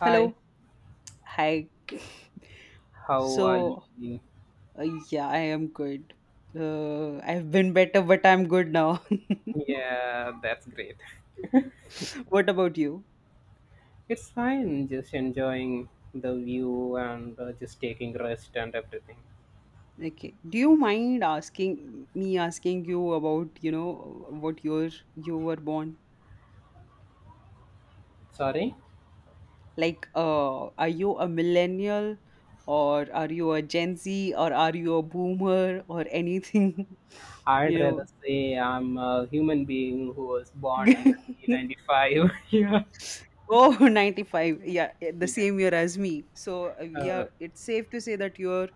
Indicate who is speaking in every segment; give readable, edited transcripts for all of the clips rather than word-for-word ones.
Speaker 1: Hi,
Speaker 2: Hello. Hi.
Speaker 1: how are
Speaker 2: So,
Speaker 1: you?
Speaker 2: uh, yeah, I am good. I've been better, but I'm good now.
Speaker 1: Yeah, that's great.
Speaker 2: What about you?
Speaker 1: It's fine, just enjoying the view and just taking rest and everything.
Speaker 2: Okay. Do you mind asking you about, what year you were born?
Speaker 1: Sorry,
Speaker 2: Like, are you a millennial or are you a Gen Z or are you a boomer or anything?
Speaker 1: I'd rather
Speaker 2: You
Speaker 1: say I'm a human being who was born
Speaker 2: know.
Speaker 1: in 1995. Yeah,
Speaker 2: Oh, 95. Yeah, the
Speaker 1: yeah,
Speaker 2: same year as me. So, we
Speaker 1: uh,
Speaker 2: are it's safe to say that you're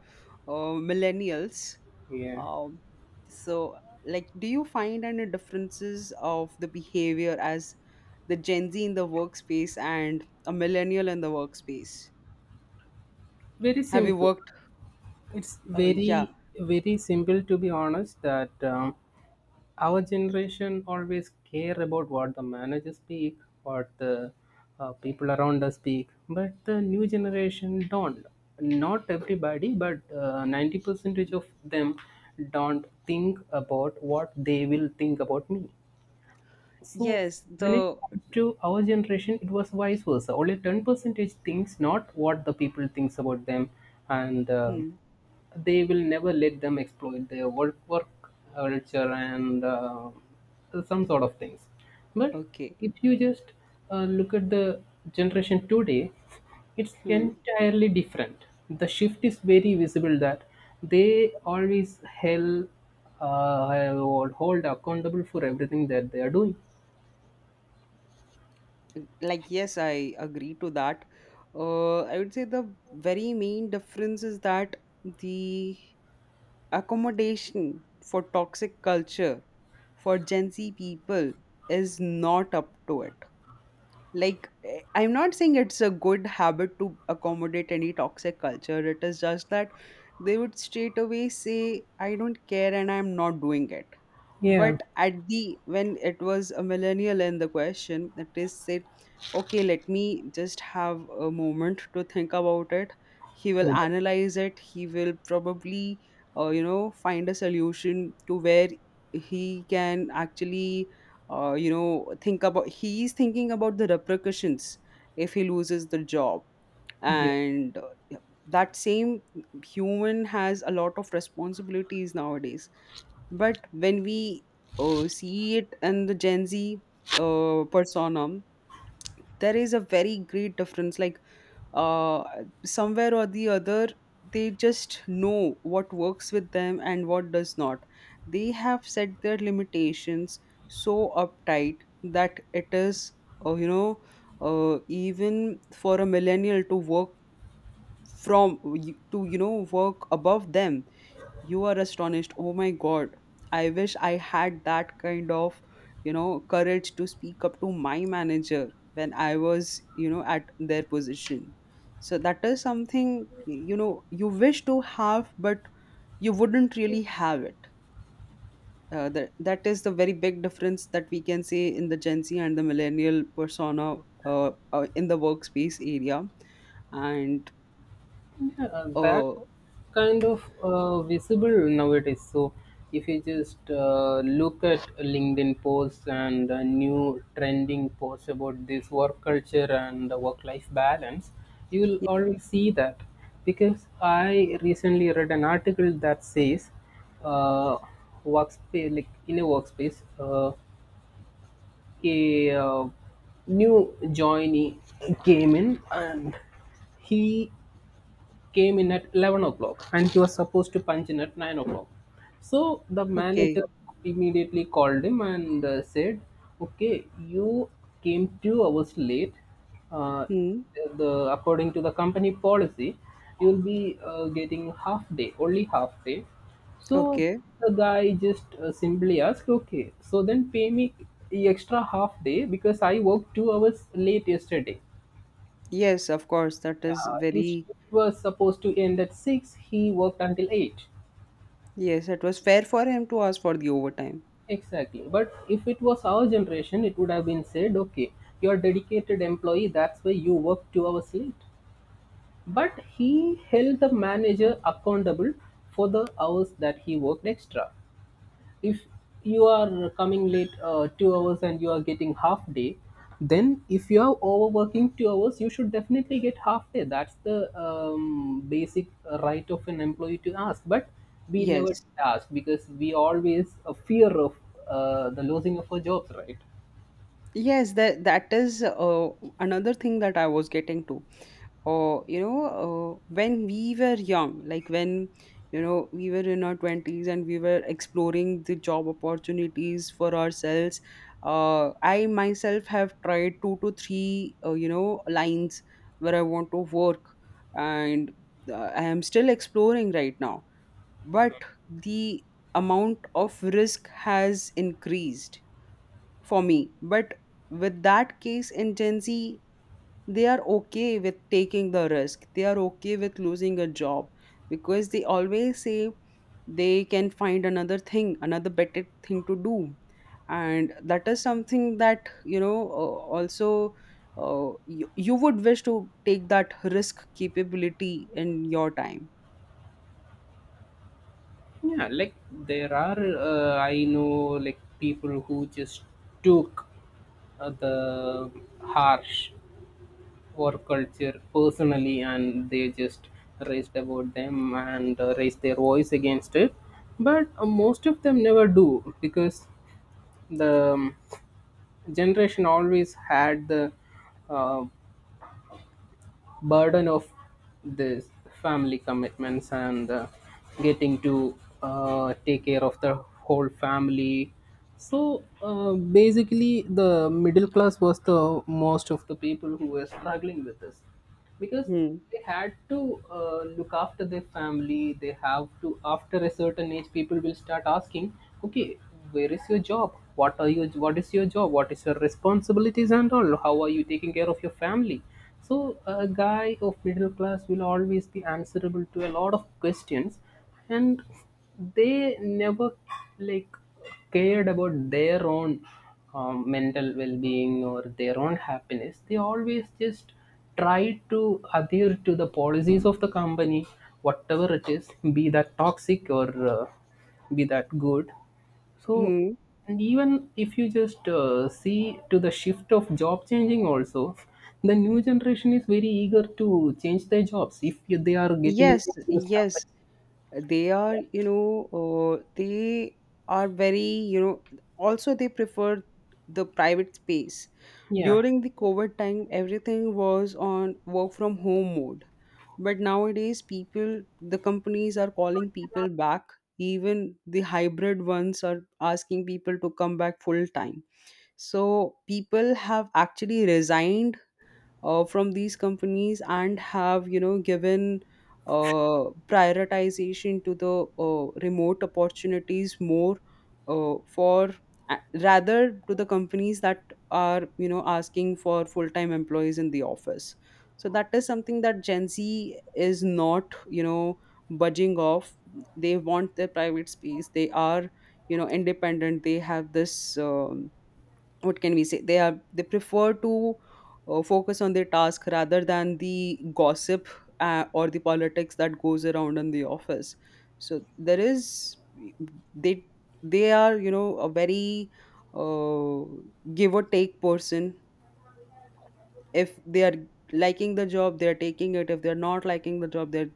Speaker 2: millennials.
Speaker 1: yeah.
Speaker 2: Um, so, like, do you find any differences of the behavior as the Gen Z in the workspace and a millennial in the workspace?
Speaker 1: Very
Speaker 2: Have you
Speaker 1: simple.
Speaker 2: worked?
Speaker 1: It's
Speaker 2: Yeah.
Speaker 1: very, very simple, to be honest. That Our generation always care about what the managers speak, what the people around us speak, but the new generation don't. Not everybody, but 90 percentage of them don't think about what they will think about me. So
Speaker 2: Yes.
Speaker 1: when it
Speaker 2: The.
Speaker 1: comes to our generation, it was vice versa. Only ten percentage thinks not what the people thinks about them, and
Speaker 2: Hmm,
Speaker 1: they will never let them exploit their work culture and some sort of things. But
Speaker 2: okay.
Speaker 1: if you just look at the generation today, it's
Speaker 2: Hmm.
Speaker 1: entirely different. The shift is very visible that they always held hold accountable for everything that they are doing.
Speaker 2: Like, yes, I agree to that. I would say the very main difference is that the accommodation for toxic culture for Gen Z people is not up to it. Like, I'm not saying it's a good habit to accommodate any toxic culture. It is just that they would straight away say, I don't care and I'm not doing it,
Speaker 1: Yeah,
Speaker 2: but at the when it was a millennial in the question, the test said, okay, let me just have a moment to think about it. He will
Speaker 1: yeah,
Speaker 2: analyze it, he will probably find a solution to where he can actually think about he is thinking about the repercussions if he loses the job,
Speaker 1: yeah.
Speaker 2: and that same human has a lot of responsibilities nowadays. But when we see it in the Gen Z persona, there is a very great difference. Like, uh, somewhere or the other, they just know what works with them and what does not. They have set their limitations so uptight that it is, uh, you know, even for a millennial to work from to work above them, you are astonished. Oh my god, I wish I had that kind of courage to speak up to my manager when I was at their position. So that is something you wish to have, but you wouldn't really have it. That is the very big difference that we can see in the Gen Z and the millennial persona, in the workspace area. And,
Speaker 1: Yeah, that
Speaker 2: uh,
Speaker 1: kind of visible nowadays. So if you just look at LinkedIn posts and new trending posts about this work culture and the work-life balance, you will
Speaker 2: yeah,
Speaker 1: always see that. Because I recently read an article that says, uh, workspace like in a workspace, a new joinee came in and he came in at 11 o'clock and he was supposed to punch in at 9 o'clock. So the
Speaker 2: okay.
Speaker 1: manager immediately called him and said, okay, you came 2 hours late. Uh,
Speaker 2: Hmm,
Speaker 1: the According to the company policy, you'll be getting half day, only half day. So
Speaker 2: okay.
Speaker 1: the guy just simply asked, okay, so then pay me the extra half day because I worked 2 hours late yesterday.
Speaker 2: Yes, of course. That
Speaker 1: Yeah,
Speaker 2: is
Speaker 1: his
Speaker 2: very.
Speaker 1: shift was supposed to end at 6, he worked until 8.
Speaker 2: Yes, it was fair for him to ask for the overtime.
Speaker 1: Exactly. But if it was our generation, it would have been said, okay, you're a dedicated employee, that's why you work 2 hours late. But he held the manager accountable for the hours that he worked extra. If you are coming late 2 hours and you are getting half day, then if you are overworking 2 hours, you should definitely get half day. That's the basic right of an employee to ask, but we never
Speaker 2: Yes.
Speaker 1: ask because we always a fear of the losing of our jobs, right?
Speaker 2: Yes, that is another thing that I was getting to. When we were young, like when we were in our twenties and we were exploring the job opportunities for ourselves. I myself have tried two to three, lines where I want to work, and I am still exploring right now. But the amount of risk has increased for me. But with that case in Gen Z, they are okay with taking the risk. They are okay with losing a job because they always say they can find another thing, another better thing to do. And that is something that, also, you would wish to take that risk capability in your time.
Speaker 1: Yeah, like there are I know like people who just took the harsh work culture personally and they just raised about them and raised their voice against it, but most of them never do because the generation always had the uh, burden of this family commitments and getting to take care of the whole family. So basically the middle class was the most of the people who were struggling with this, because
Speaker 2: Hmm.
Speaker 1: they had to look after their family. They have to, after a certain age, people will start asking, okay, where is your job, what are you, what is your job, what is your responsibilities and all, how are you taking care of your family? So a guy of middle class will always be answerable to a lot of questions, and they never like cared about their own mental well-being or their own happiness. They always just try to adhere to the policies of the company, whatever it is, be that toxic or uh, be that good. So
Speaker 2: Hmm.
Speaker 1: and even if you just see to the shift of job changing also, the new generation is very eager to change their jobs if they are getting
Speaker 2: Yes,
Speaker 1: into those
Speaker 2: yes,
Speaker 1: companies.
Speaker 2: they are,
Speaker 1: yeah
Speaker 2: uh, they very, also they prefer the private space.
Speaker 1: yeah
Speaker 2: During the COVID time, everything was on work from home mode, but nowadays people the companies are calling people back. Even the hybrid ones are asking people to come back full time, so people have actually resigned from these companies and have given prioritization to the remote opportunities more, for rather to the companies that are asking for full-time employees in the office. So that is something that Gen Z is not budging off. They want their private space, they are independent. They have this, what can we say, they prefer to focus on their task rather than the gossip or the politics that goes around in the office. So there is, they they are a very uh, give or take person. If they are liking the job, they are taking it. If they are not liking the job, they're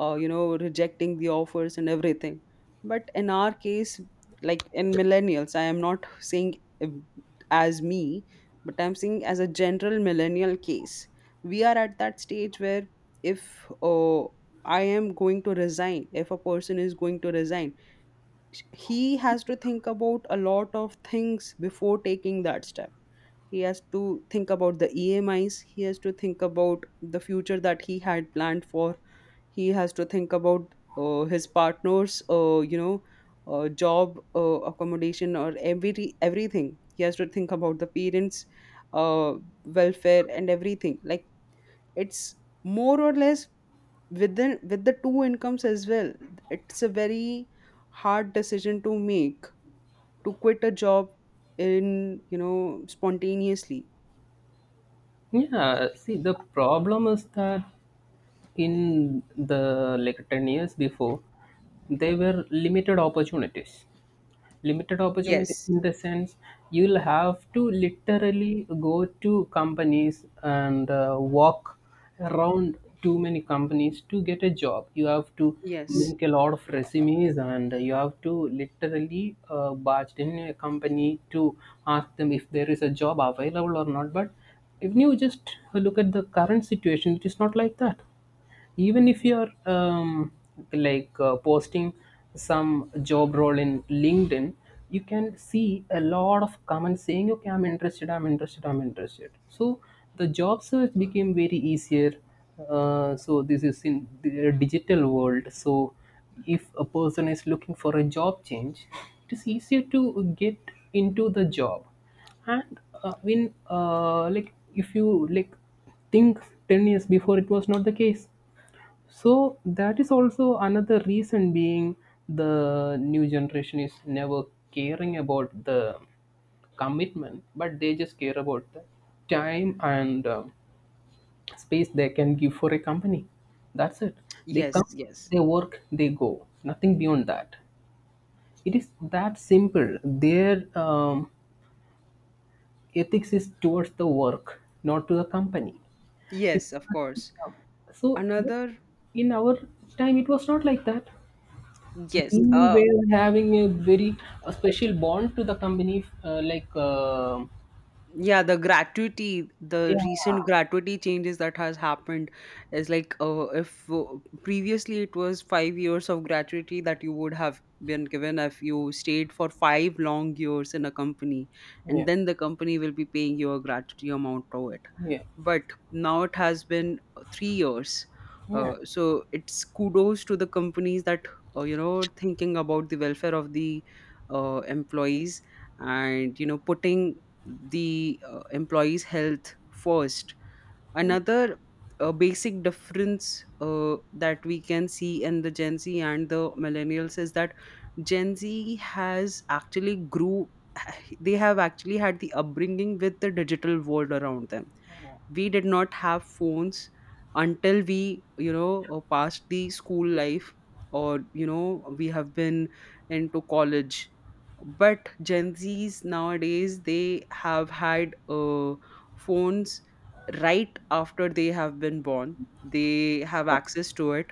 Speaker 2: rejecting the offers and everything. But in our case, like in millennials, I am not saying, um, as me, but I'm saying as a general millennial case, we are at that stage where, if I am going to resign if a person is going to resign, he has to think about a lot of things before taking that step. He has to think about the EMIs, he has to think about the future that he had planned for, he has to think about his partner's, job, accommodation, or everything. He has to think about the parents, uh, welfare and everything. Like, it's more or less with the two incomes as well. It's a very hard decision to make, to quit a job in spontaneously.
Speaker 1: Yeah, see, the problem is that in the like 10 years before, there were limited opportunities, limited opportunities
Speaker 2: Yes,
Speaker 1: in the sense you'll have to literally go to companies and walk around too many companies to get a job. You have to
Speaker 2: yes.
Speaker 1: make a lot of resumes and you have to literally barge in a company to ask them if there is a job available or not. But if you just look at the current situation, it is not like that. Even if you're posting some job role in LinkedIn, you can see a lot of comments saying okay, I'm interested, I'm interested, I'm interested. So the job search became very easier, so this is in the digital world. So if a person is looking for a job change, it is easier to get into the job. And when like if you like think 10 years before, it was not the case. So that is also another reason being the new generation is never caring about the commitment, but they just care about the time and space they can give for a company. That's it. They
Speaker 2: Yes,
Speaker 1: come,
Speaker 2: yes,
Speaker 1: they work, they go. Nothing beyond that. It is that simple. Their ethics is towards the work, not to the company. If
Speaker 2: yes, of course.
Speaker 1: so, but
Speaker 2: Another
Speaker 1: in our time, it was not like that.
Speaker 2: yes.
Speaker 1: We were having a very special bond to the company, like
Speaker 2: Yeah,
Speaker 1: yeah,
Speaker 2: the recent gratuity changes that has happened, is like, if previously it was 5 years of gratuity that you would have been given if you stayed for 5 long years in a company,
Speaker 1: yeah,
Speaker 2: and then the company will be paying you a gratuity amount to it.
Speaker 1: yeah,
Speaker 2: But now it has been 3 years,
Speaker 1: yeah,
Speaker 2: so it's kudos to the companies that thinking about the welfare of the employees and putting the employees' health first. Another basic difference, that we can see in the Gen Z and the millennials, is that Gen Z has actually grew. They have actually had the upbringing with the digital world around them.
Speaker 1: yeah.
Speaker 2: We did not have phones until we, passed the school life, or we have been into college. But Gen Z's nowadays, they have had phones right after they have been born. They have
Speaker 1: yeah.
Speaker 2: access to it,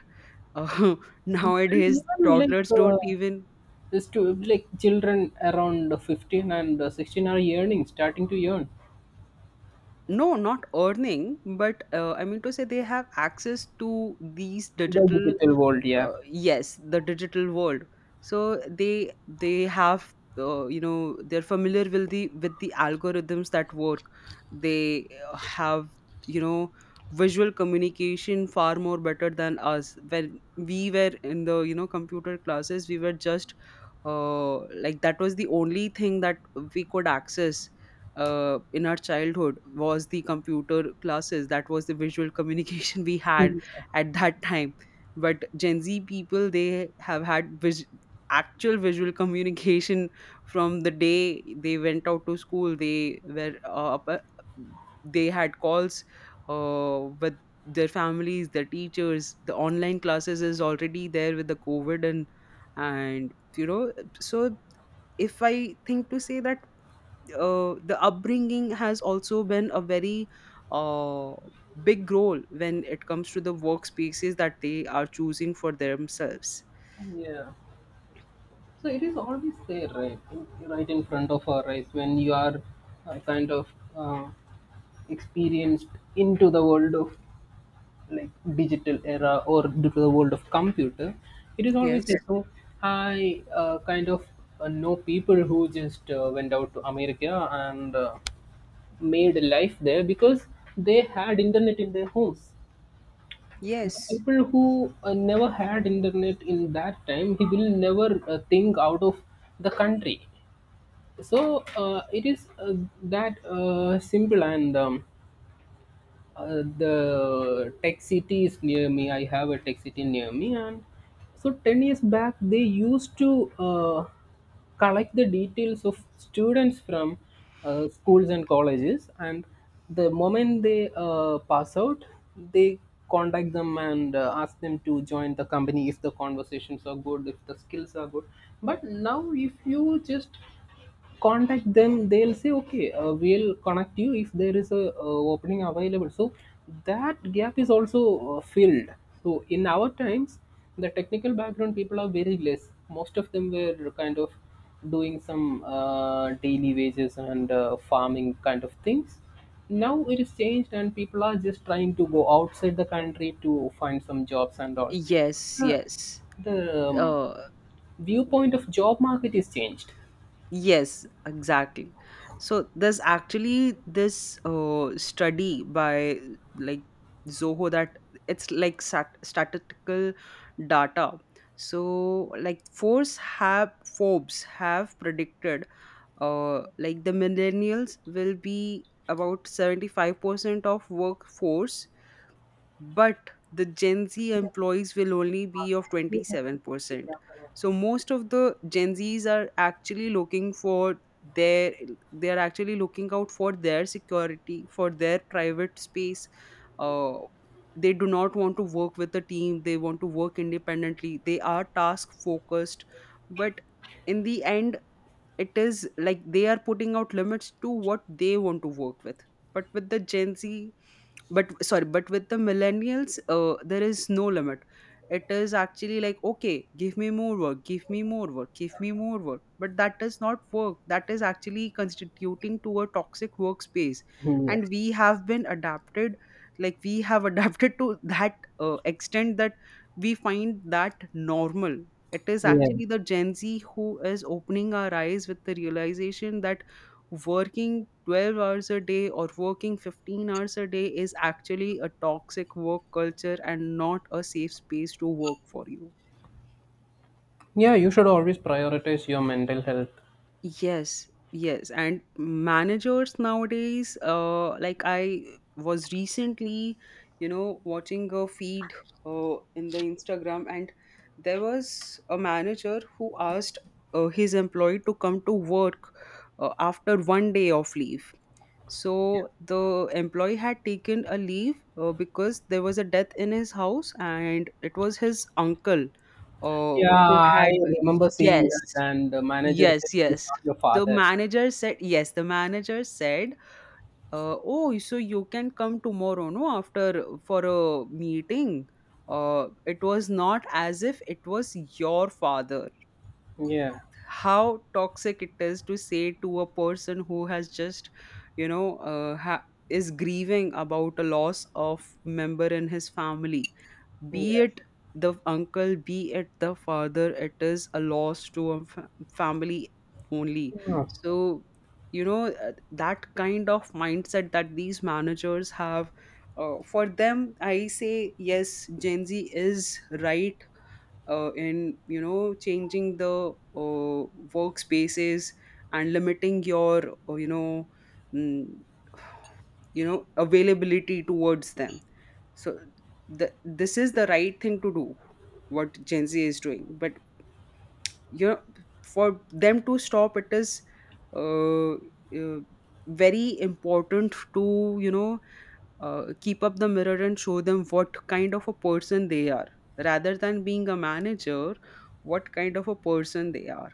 Speaker 2: uh,
Speaker 1: And
Speaker 2: nowadays
Speaker 1: even like
Speaker 2: toddlers don't even.
Speaker 1: this to like children around 15 and 16 are yearning, starting to yearn
Speaker 2: No, not earning, but, I mean to say they have access to these
Speaker 1: the
Speaker 2: digital,
Speaker 1: digital world. Yeah,
Speaker 2: yes, the digital world. So they have, they're familiar with the algorithms that work. They have you know visual communication far more better than us. When we were in the computer classes, we were just, like, that was the only thing that we could access in our childhood, was the computer classes. That was the visual communication we had
Speaker 1: Mm.
Speaker 2: at that time. But Gen Z people, they have had actual visual communication from the day they went out to school. They were they had calls with their families, their teachers. The online classes is already there with the COVID, and so if I think to say that, the upbringing has also been a very uh, big role when it comes to the workspaces that they are choosing for themselves.
Speaker 1: Yeah. So it is always there, right, right in front of our eyes when you are uh, kind of uh, experienced into the world of like digital era or due to the world of computer. It is always
Speaker 2: Yes.
Speaker 1: like so. I know people who just went out to America and made a life there because they had internet in their homes. The
Speaker 2: Yes.
Speaker 1: people who never had internet in that time, he will never think out of the country. So it is that simple. And The tech city is near me, I have a tech city near me, and so 10 years back they used to collect the details of students from schools and colleges, and the moment they pass out they contact them and ask them to join the company if the conversations are good, if the skills are good. But now if you just contact them, they'll say okay, we'll connect you if there is a opening available. So that gap is also filled. So in our times, the technical background people are very less, most of them were kind of doing some daily wages and farming kind of things. Now it is changed and people are just trying to go outside the country to find some jobs and all.
Speaker 2: Yes,
Speaker 1: So
Speaker 2: yes.
Speaker 1: the um,
Speaker 2: uh
Speaker 1: viewpoint of job market is changed.
Speaker 2: Yes, exactly. So there's actually this, study by, like, Zoho, that it's like statistical data. So like, Forbes have predicted, like, the millennials will be about 75% of workforce, but the Gen Z employees will only be of 27%. So most of the Gen Zs are actually looking for their they are actually looking out for their security, for their private space. Uh, they do not want to work with a team. They want to work independently. They are task focused, but in the end, it is like they are putting out limits to what they want to work with, but with the Gen Z, but sorry, but with the millennials, there is no limit. It is actually like, okay, give me more work, give me more work, give me more work, but that does not work. That is actually constituting to a toxic workspace, and
Speaker 1: Yes.
Speaker 2: we have been adapted, like we have adapted to that extent that we find that normal. It is
Speaker 1: Yeah.
Speaker 2: actually the Gen Z who is opening our eyes with the realization that working 12 hours a day or working 15 hours a day is actually a toxic work culture and not a safe space to work for you.
Speaker 1: Yeah, you should always prioritize your mental health.
Speaker 2: Yes, yes. And managers nowadays, like, I was recently, watching a feed in the Instagram, and there was a manager who asked his employee to come to work after 1 day of leave. So the employee had taken a leave because there was a death in his house, and it was his uncle uh,
Speaker 1: Yeah,
Speaker 2: who
Speaker 1: I
Speaker 2: had,
Speaker 1: remember seeing that,
Speaker 2: yes,
Speaker 1: and the manager said,
Speaker 2: Yes,
Speaker 1: it's
Speaker 2: yes.
Speaker 1: not your
Speaker 2: The
Speaker 1: father.
Speaker 2: manager said, yes, the manager said, oh, so you can come tomorrow, no, after for a meeting. It was not as if it was your father.
Speaker 1: Yeah,
Speaker 2: How toxic it is to say to a person who has just, you know, uh, ha- is grieving about a loss of member in his family, be
Speaker 1: yeah.
Speaker 2: it the uncle, be it the father, it is a loss to a family only.
Speaker 1: Yeah,
Speaker 2: So that kind of mindset that these managers have, for them I say yes, Gen Z is right, in changing the workspaces and limiting your mm, availability towards them. So this is the right thing to do, what Gen Z is doing. But you know for them to stop, it is uh, uh, very important to keep up the mirror and show them what kind of a person they are, rather than being a manager, what kind of a person they are.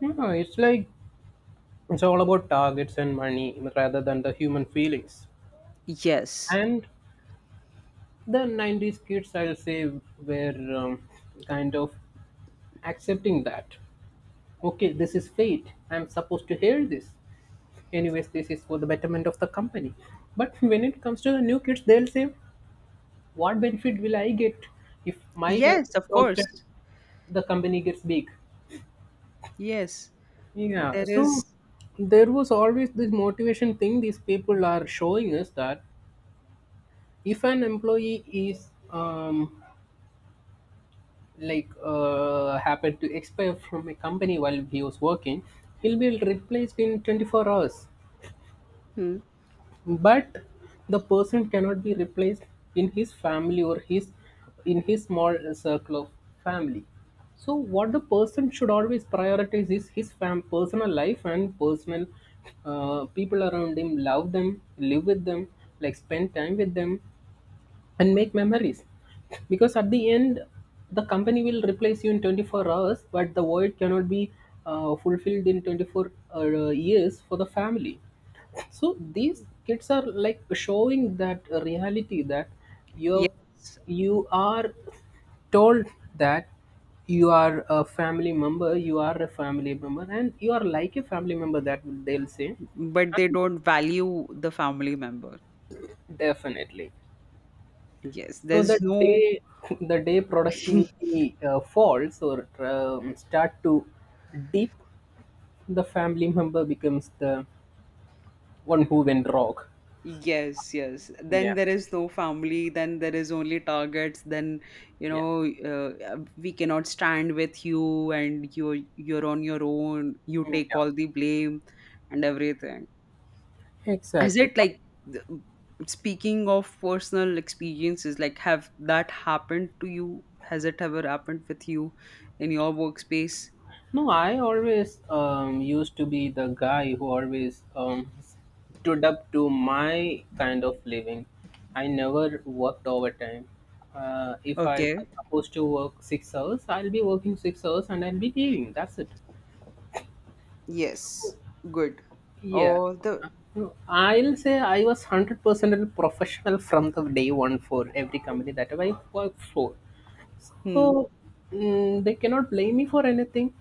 Speaker 1: yeah, it's like it's all about targets and money rather than the human feelings.
Speaker 2: Yes,
Speaker 1: And the 90s kids, I'll say, were kind of accepting that. Okay, this is fate. I'm supposed to hear this. Anyways, this is for the betterment of the company. But when it comes to the new kids, they'll say, what benefit will I get if my life
Speaker 2: yes, of
Speaker 1: is lost and
Speaker 2: course.
Speaker 1: the company gets big?
Speaker 2: Yes,
Speaker 1: Yeah,
Speaker 2: there
Speaker 1: so
Speaker 2: is.
Speaker 1: there was always this motivation thing these people are showing us that if an employee is happened to expire from a company while he was working, he'll be replaced in 24 hours.
Speaker 2: Hmm.
Speaker 1: But the person cannot be replaced in his family or his in his small circle of family. So what the person should always prioritize is his personal life and personal people around him, love them, live with them, like spend time with them and make memories. Because at the end the company will replace you in 24 hours, but the void cannot be fulfilled in 24 years for the family. So these kids are like showing that reality that you
Speaker 2: Yes,
Speaker 1: you are told that you are a family member, you are a family member, and you are like a family member, that they'll say.
Speaker 2: but they don't value the family member.
Speaker 1: Definitely.
Speaker 2: Yes,
Speaker 1: So
Speaker 2: there's
Speaker 1: the
Speaker 2: no.
Speaker 1: day the day productivity falls or start to dip, the family member becomes the one who went wrong.
Speaker 2: Yes, yes.
Speaker 1: Yeah,
Speaker 2: Then there is no family, then there is only targets, then
Speaker 1: yeah,
Speaker 2: we cannot stand with you and you're on your own, you
Speaker 1: Mm,
Speaker 2: take all the blame and everything.
Speaker 1: yeah,
Speaker 2: Is
Speaker 1: exactly.
Speaker 2: it
Speaker 1: But
Speaker 2: like, th- speaking of personal experiences, like have that happened to you? Has it ever happened with you in your workspace?
Speaker 1: no, I always used to be the guy who always stood up to my kind of living. I never worked overtime. If I
Speaker 2: Okay.
Speaker 1: was supposed to work 6 hours, I'll be working 6 hours and I'll be leaving. That's it.
Speaker 2: Yes. Good.
Speaker 1: Yeah.
Speaker 2: Or the.
Speaker 1: No, I'll say I was 100% professional from the day one for every company that I worked for.
Speaker 2: Hmm.
Speaker 1: So mm, they cannot blame me for anything,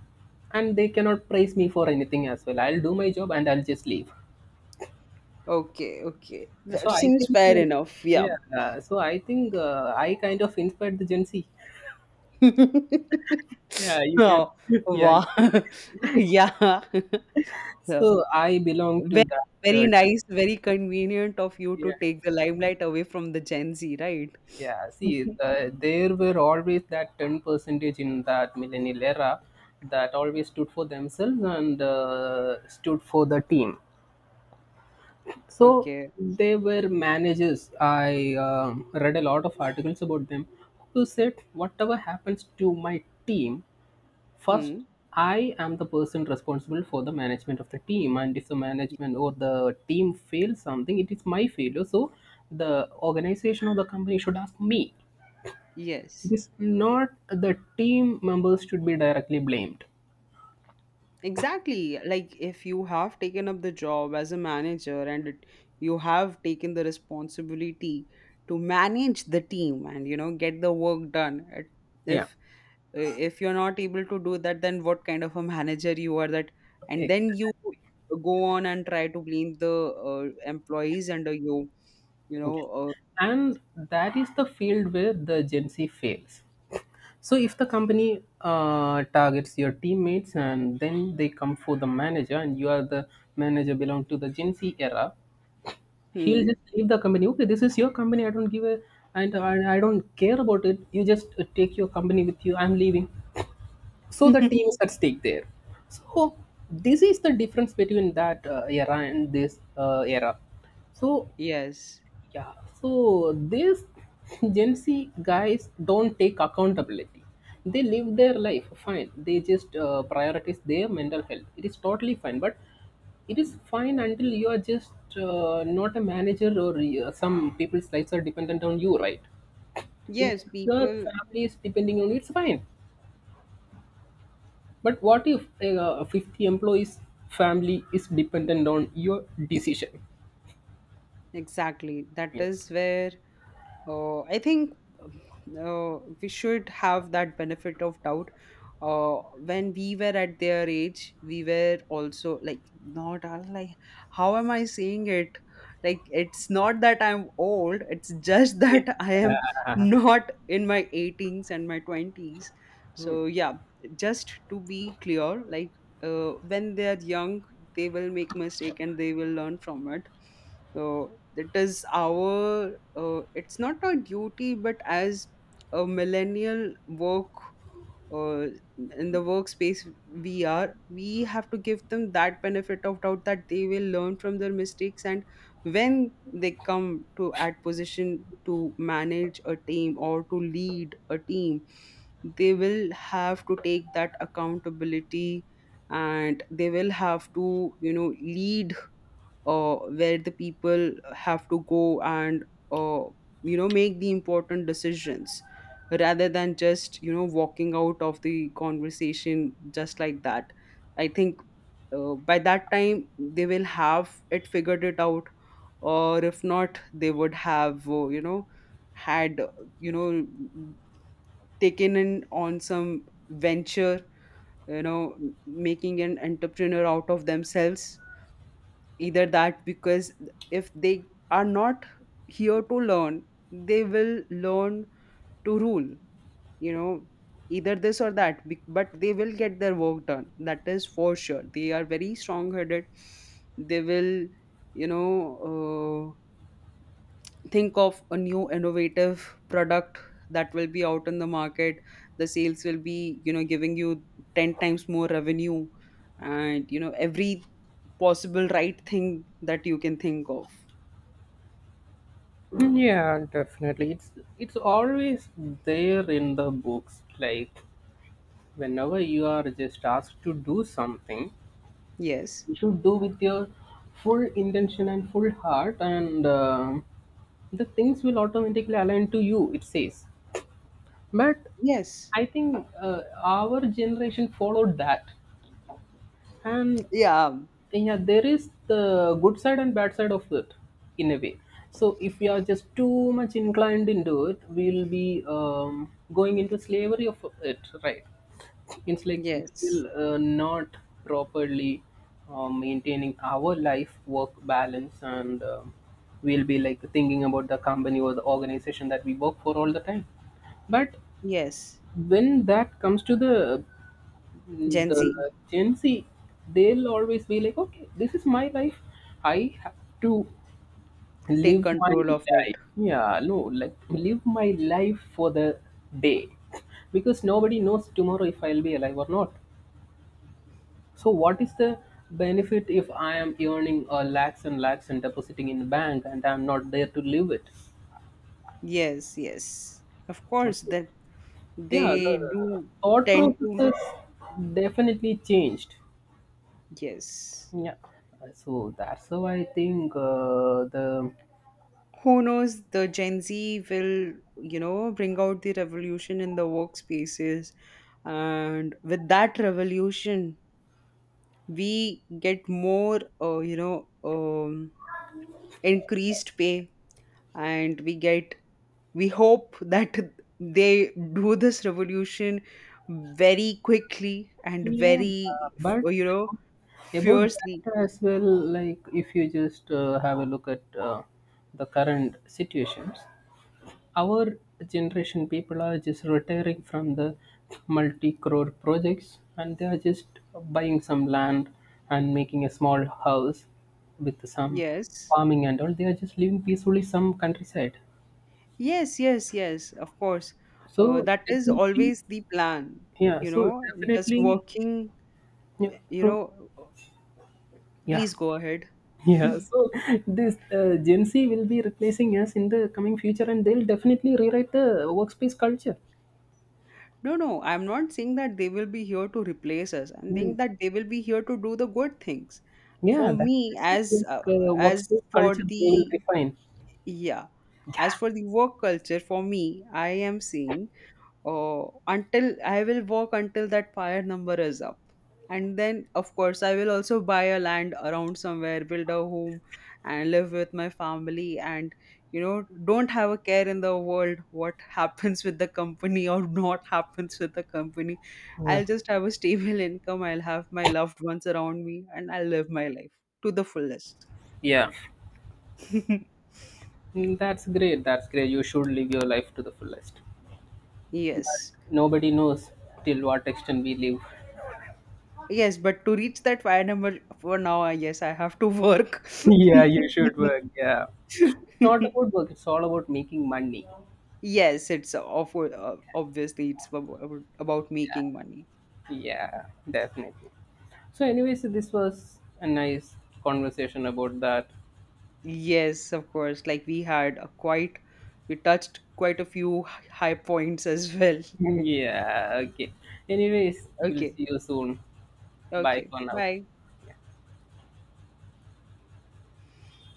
Speaker 1: and they cannot praise me for anything as well. I'll do my job and I'll just leave.
Speaker 2: Okay, okay.
Speaker 1: So
Speaker 2: That
Speaker 1: I
Speaker 2: seems
Speaker 1: think,
Speaker 2: fair enough. Yeah.
Speaker 1: yeah. So I think I kind of inspired the Gen Z. Yeah, you can.
Speaker 2: Oh,
Speaker 1: Yeah. You,
Speaker 2: wow. Yeah. So,
Speaker 1: so I belong to
Speaker 2: very,
Speaker 1: that.
Speaker 2: very nice, very convenient of you to
Speaker 1: Yeah.
Speaker 2: take the limelight away from the Gen Z, right?
Speaker 1: Yeah, see, there were always that 10 percentage in that millennial era that always stood for themselves and stood for the team. So
Speaker 2: Okay.
Speaker 1: they were managers. I read a lot of articles about them who said, whatever happens to my team, first
Speaker 2: Hmm.
Speaker 1: I am the person responsible for the management of the team, and if the management or the team fails something, it is my failure. So the organization or the company should ask me.
Speaker 2: Yes.
Speaker 1: This not the team members should be directly blamed.
Speaker 2: Exactly. Like if you have taken up the job as a manager and it, you have taken the responsibility to manage the team and get the work done. It-
Speaker 1: Yeah.
Speaker 2: If if you're not able to do that, then what kind of a manager you are that? And then
Speaker 1: Exactly.
Speaker 2: you go on and try to blame the employees under you. You
Speaker 1: Okay.
Speaker 2: know.
Speaker 1: And that is the field where the Gen Z fails. So if the company targets your teammates and then they come for the manager and you are the manager belong to the Gen Z era, he'll
Speaker 2: Hmm.
Speaker 1: just leave the company. Okay, this is your company. I don't give a and I don't care about it. You just take your company with you. I'm leaving. So the team is at stake there. So this is the difference between that era and this era. So
Speaker 2: Yes.
Speaker 1: yeah, so these Gen Z guys don't take accountability. They live their life fine. They just prioritize their mental health. It is totally fine, but it is fine until you are just not a manager or some people's lives are dependent on you, right? If
Speaker 2: Yes.
Speaker 1: your
Speaker 2: People.
Speaker 1: family is depending on you, it's fine. But what if a 50 employees' family is dependent on your decision?
Speaker 2: Exactly. That
Speaker 1: Yeah.
Speaker 2: is where. I think we should have that benefit of doubt. When we were at their age, we were also like not, I was like, how am I saying it? Like it's not that I'm old. It's just that I am not in my 18s and my 20s. So yeah, just to be clear, like when they are young, they will make mistake and they will learn from it. So it is our it's not our duty, but as a millennial work uh, in the workspace, we have to give them that benefit of doubt that they will learn from their mistakes. And when they come to at position to manage a team or to lead a team, they will have to take that accountability, and they will have to lead where the people have to go, and uh, make the important decisions, rather than just walking out of the conversation just like that. I think by that time they will have it figured it out, or if not, they would have had you know taken in on some venture, making an entrepreneur out of themselves, either that. Because if they are not here to learn, they will learn to rule, you know either this or that, but they will get their work done, that is for sure. They are very strong headed. They will, you know uh, think of a new innovative product that will be out in the market. The sales will be, giving you 10 times more revenue, and every possible right thing that you can think of.
Speaker 1: Yeah, definitely. It's always there in the books. Like whenever you are just asked to do something,
Speaker 2: Yes.
Speaker 1: you should do with your full intention and full heart, and the things will automatically align to you. It says, but
Speaker 2: Yes.
Speaker 1: I think our generation followed that. And
Speaker 2: Yeah.
Speaker 1: yeah, there is the good side and bad side of it in a way. So if we are just too much inclined into it, we'll be going into slavery of it, right? It's like we'll
Speaker 2: Yes.
Speaker 1: not properly maintaining our life work balance, and we'll be like thinking about the company or the organization that we work for all the time. But
Speaker 2: Yes.
Speaker 1: when that comes to the
Speaker 2: Gen Z,
Speaker 1: the Gen Z, they'll always be like, okay, this is my life. I have to
Speaker 2: take
Speaker 1: live my
Speaker 2: control of it.
Speaker 1: life. Yeah, no, like live my life for the day, because nobody knows tomorrow if I'll be alive or not. So, what is the benefit if I am earning lakhs and lakhs and depositing in bank and I'm not there to live it?
Speaker 2: Yes. Yes. Of course,
Speaker 1: Okay.
Speaker 2: that
Speaker 1: Yeah,
Speaker 2: they
Speaker 1: the
Speaker 2: do
Speaker 1: thought
Speaker 2: tend
Speaker 1: process
Speaker 2: to.
Speaker 1: has definitely changed.
Speaker 2: Yes.
Speaker 1: Yeah, so that's how I think the
Speaker 2: Who knows? The Gen Z will, bring out the revolution in the workspaces, and with that revolution, we get more, increased pay, and we get, we hope that they do this revolution very quickly and
Speaker 1: yeah, uh,
Speaker 2: very
Speaker 1: but
Speaker 2: you know
Speaker 1: about
Speaker 2: fiercely.
Speaker 1: that as well, like if you just have a look at the current situations, our generation people are just retiring from the multi-crore projects and they are just buying some land and making a small house with some
Speaker 2: Yes,
Speaker 1: farming and all. They are just living peacefully some countryside.
Speaker 2: yes, yes, yes, of course.
Speaker 1: So
Speaker 2: That is
Speaker 1: definitely
Speaker 2: always the plan,
Speaker 1: Yeah,
Speaker 2: you
Speaker 1: so
Speaker 2: know just
Speaker 1: definitely,
Speaker 2: working,
Speaker 1: yeah,
Speaker 2: you
Speaker 1: so
Speaker 2: know
Speaker 1: yeah,
Speaker 2: please go ahead.
Speaker 1: yeah, so this Gen Z will be replacing us in the coming future, and they'll definitely rewrite the workspace culture.
Speaker 2: No, no, I'm not saying that they will be here to replace us. I'm saying
Speaker 1: Mm.
Speaker 2: that they will be here to do the good things. For
Speaker 1: Yeah,
Speaker 2: me,
Speaker 1: that's the
Speaker 2: as
Speaker 1: workspace
Speaker 2: for
Speaker 1: culture they
Speaker 2: the.
Speaker 1: will refine.
Speaker 2: Yeah. As for the work culture, for me, I am saying, until I will work until that fire number is up. And then, of course, I will also buy a land around somewhere, build a home, and live with my family. And, don't have a care in the world what happens with the company or not happens with the company.
Speaker 1: Yeah.
Speaker 2: I'll just have a stable income. I'll have my loved ones around me and I'll live my life to the fullest.
Speaker 1: Yeah, mm, that's great. That's great. You should live your life to the fullest. But
Speaker 2: Yes.
Speaker 1: nobody knows till what extent we live.
Speaker 2: Yes, but to reach that fire number for now, I yes, I have to work.
Speaker 1: Yeah, you should work. Yeah. It's not about work, it's all about making money.
Speaker 2: Yes, it's of obviously, it's about making money.
Speaker 1: Yeah, definitely. So, anyways, this was a nice conversation about that.
Speaker 2: Yes, of course. Like we had a quite, we touched quite a few high points as well.
Speaker 1: Yeah, okay. Anyways, we'll
Speaker 2: Okay,
Speaker 1: see you soon. Bye
Speaker 2: okay.
Speaker 1: for now.
Speaker 2: Bye.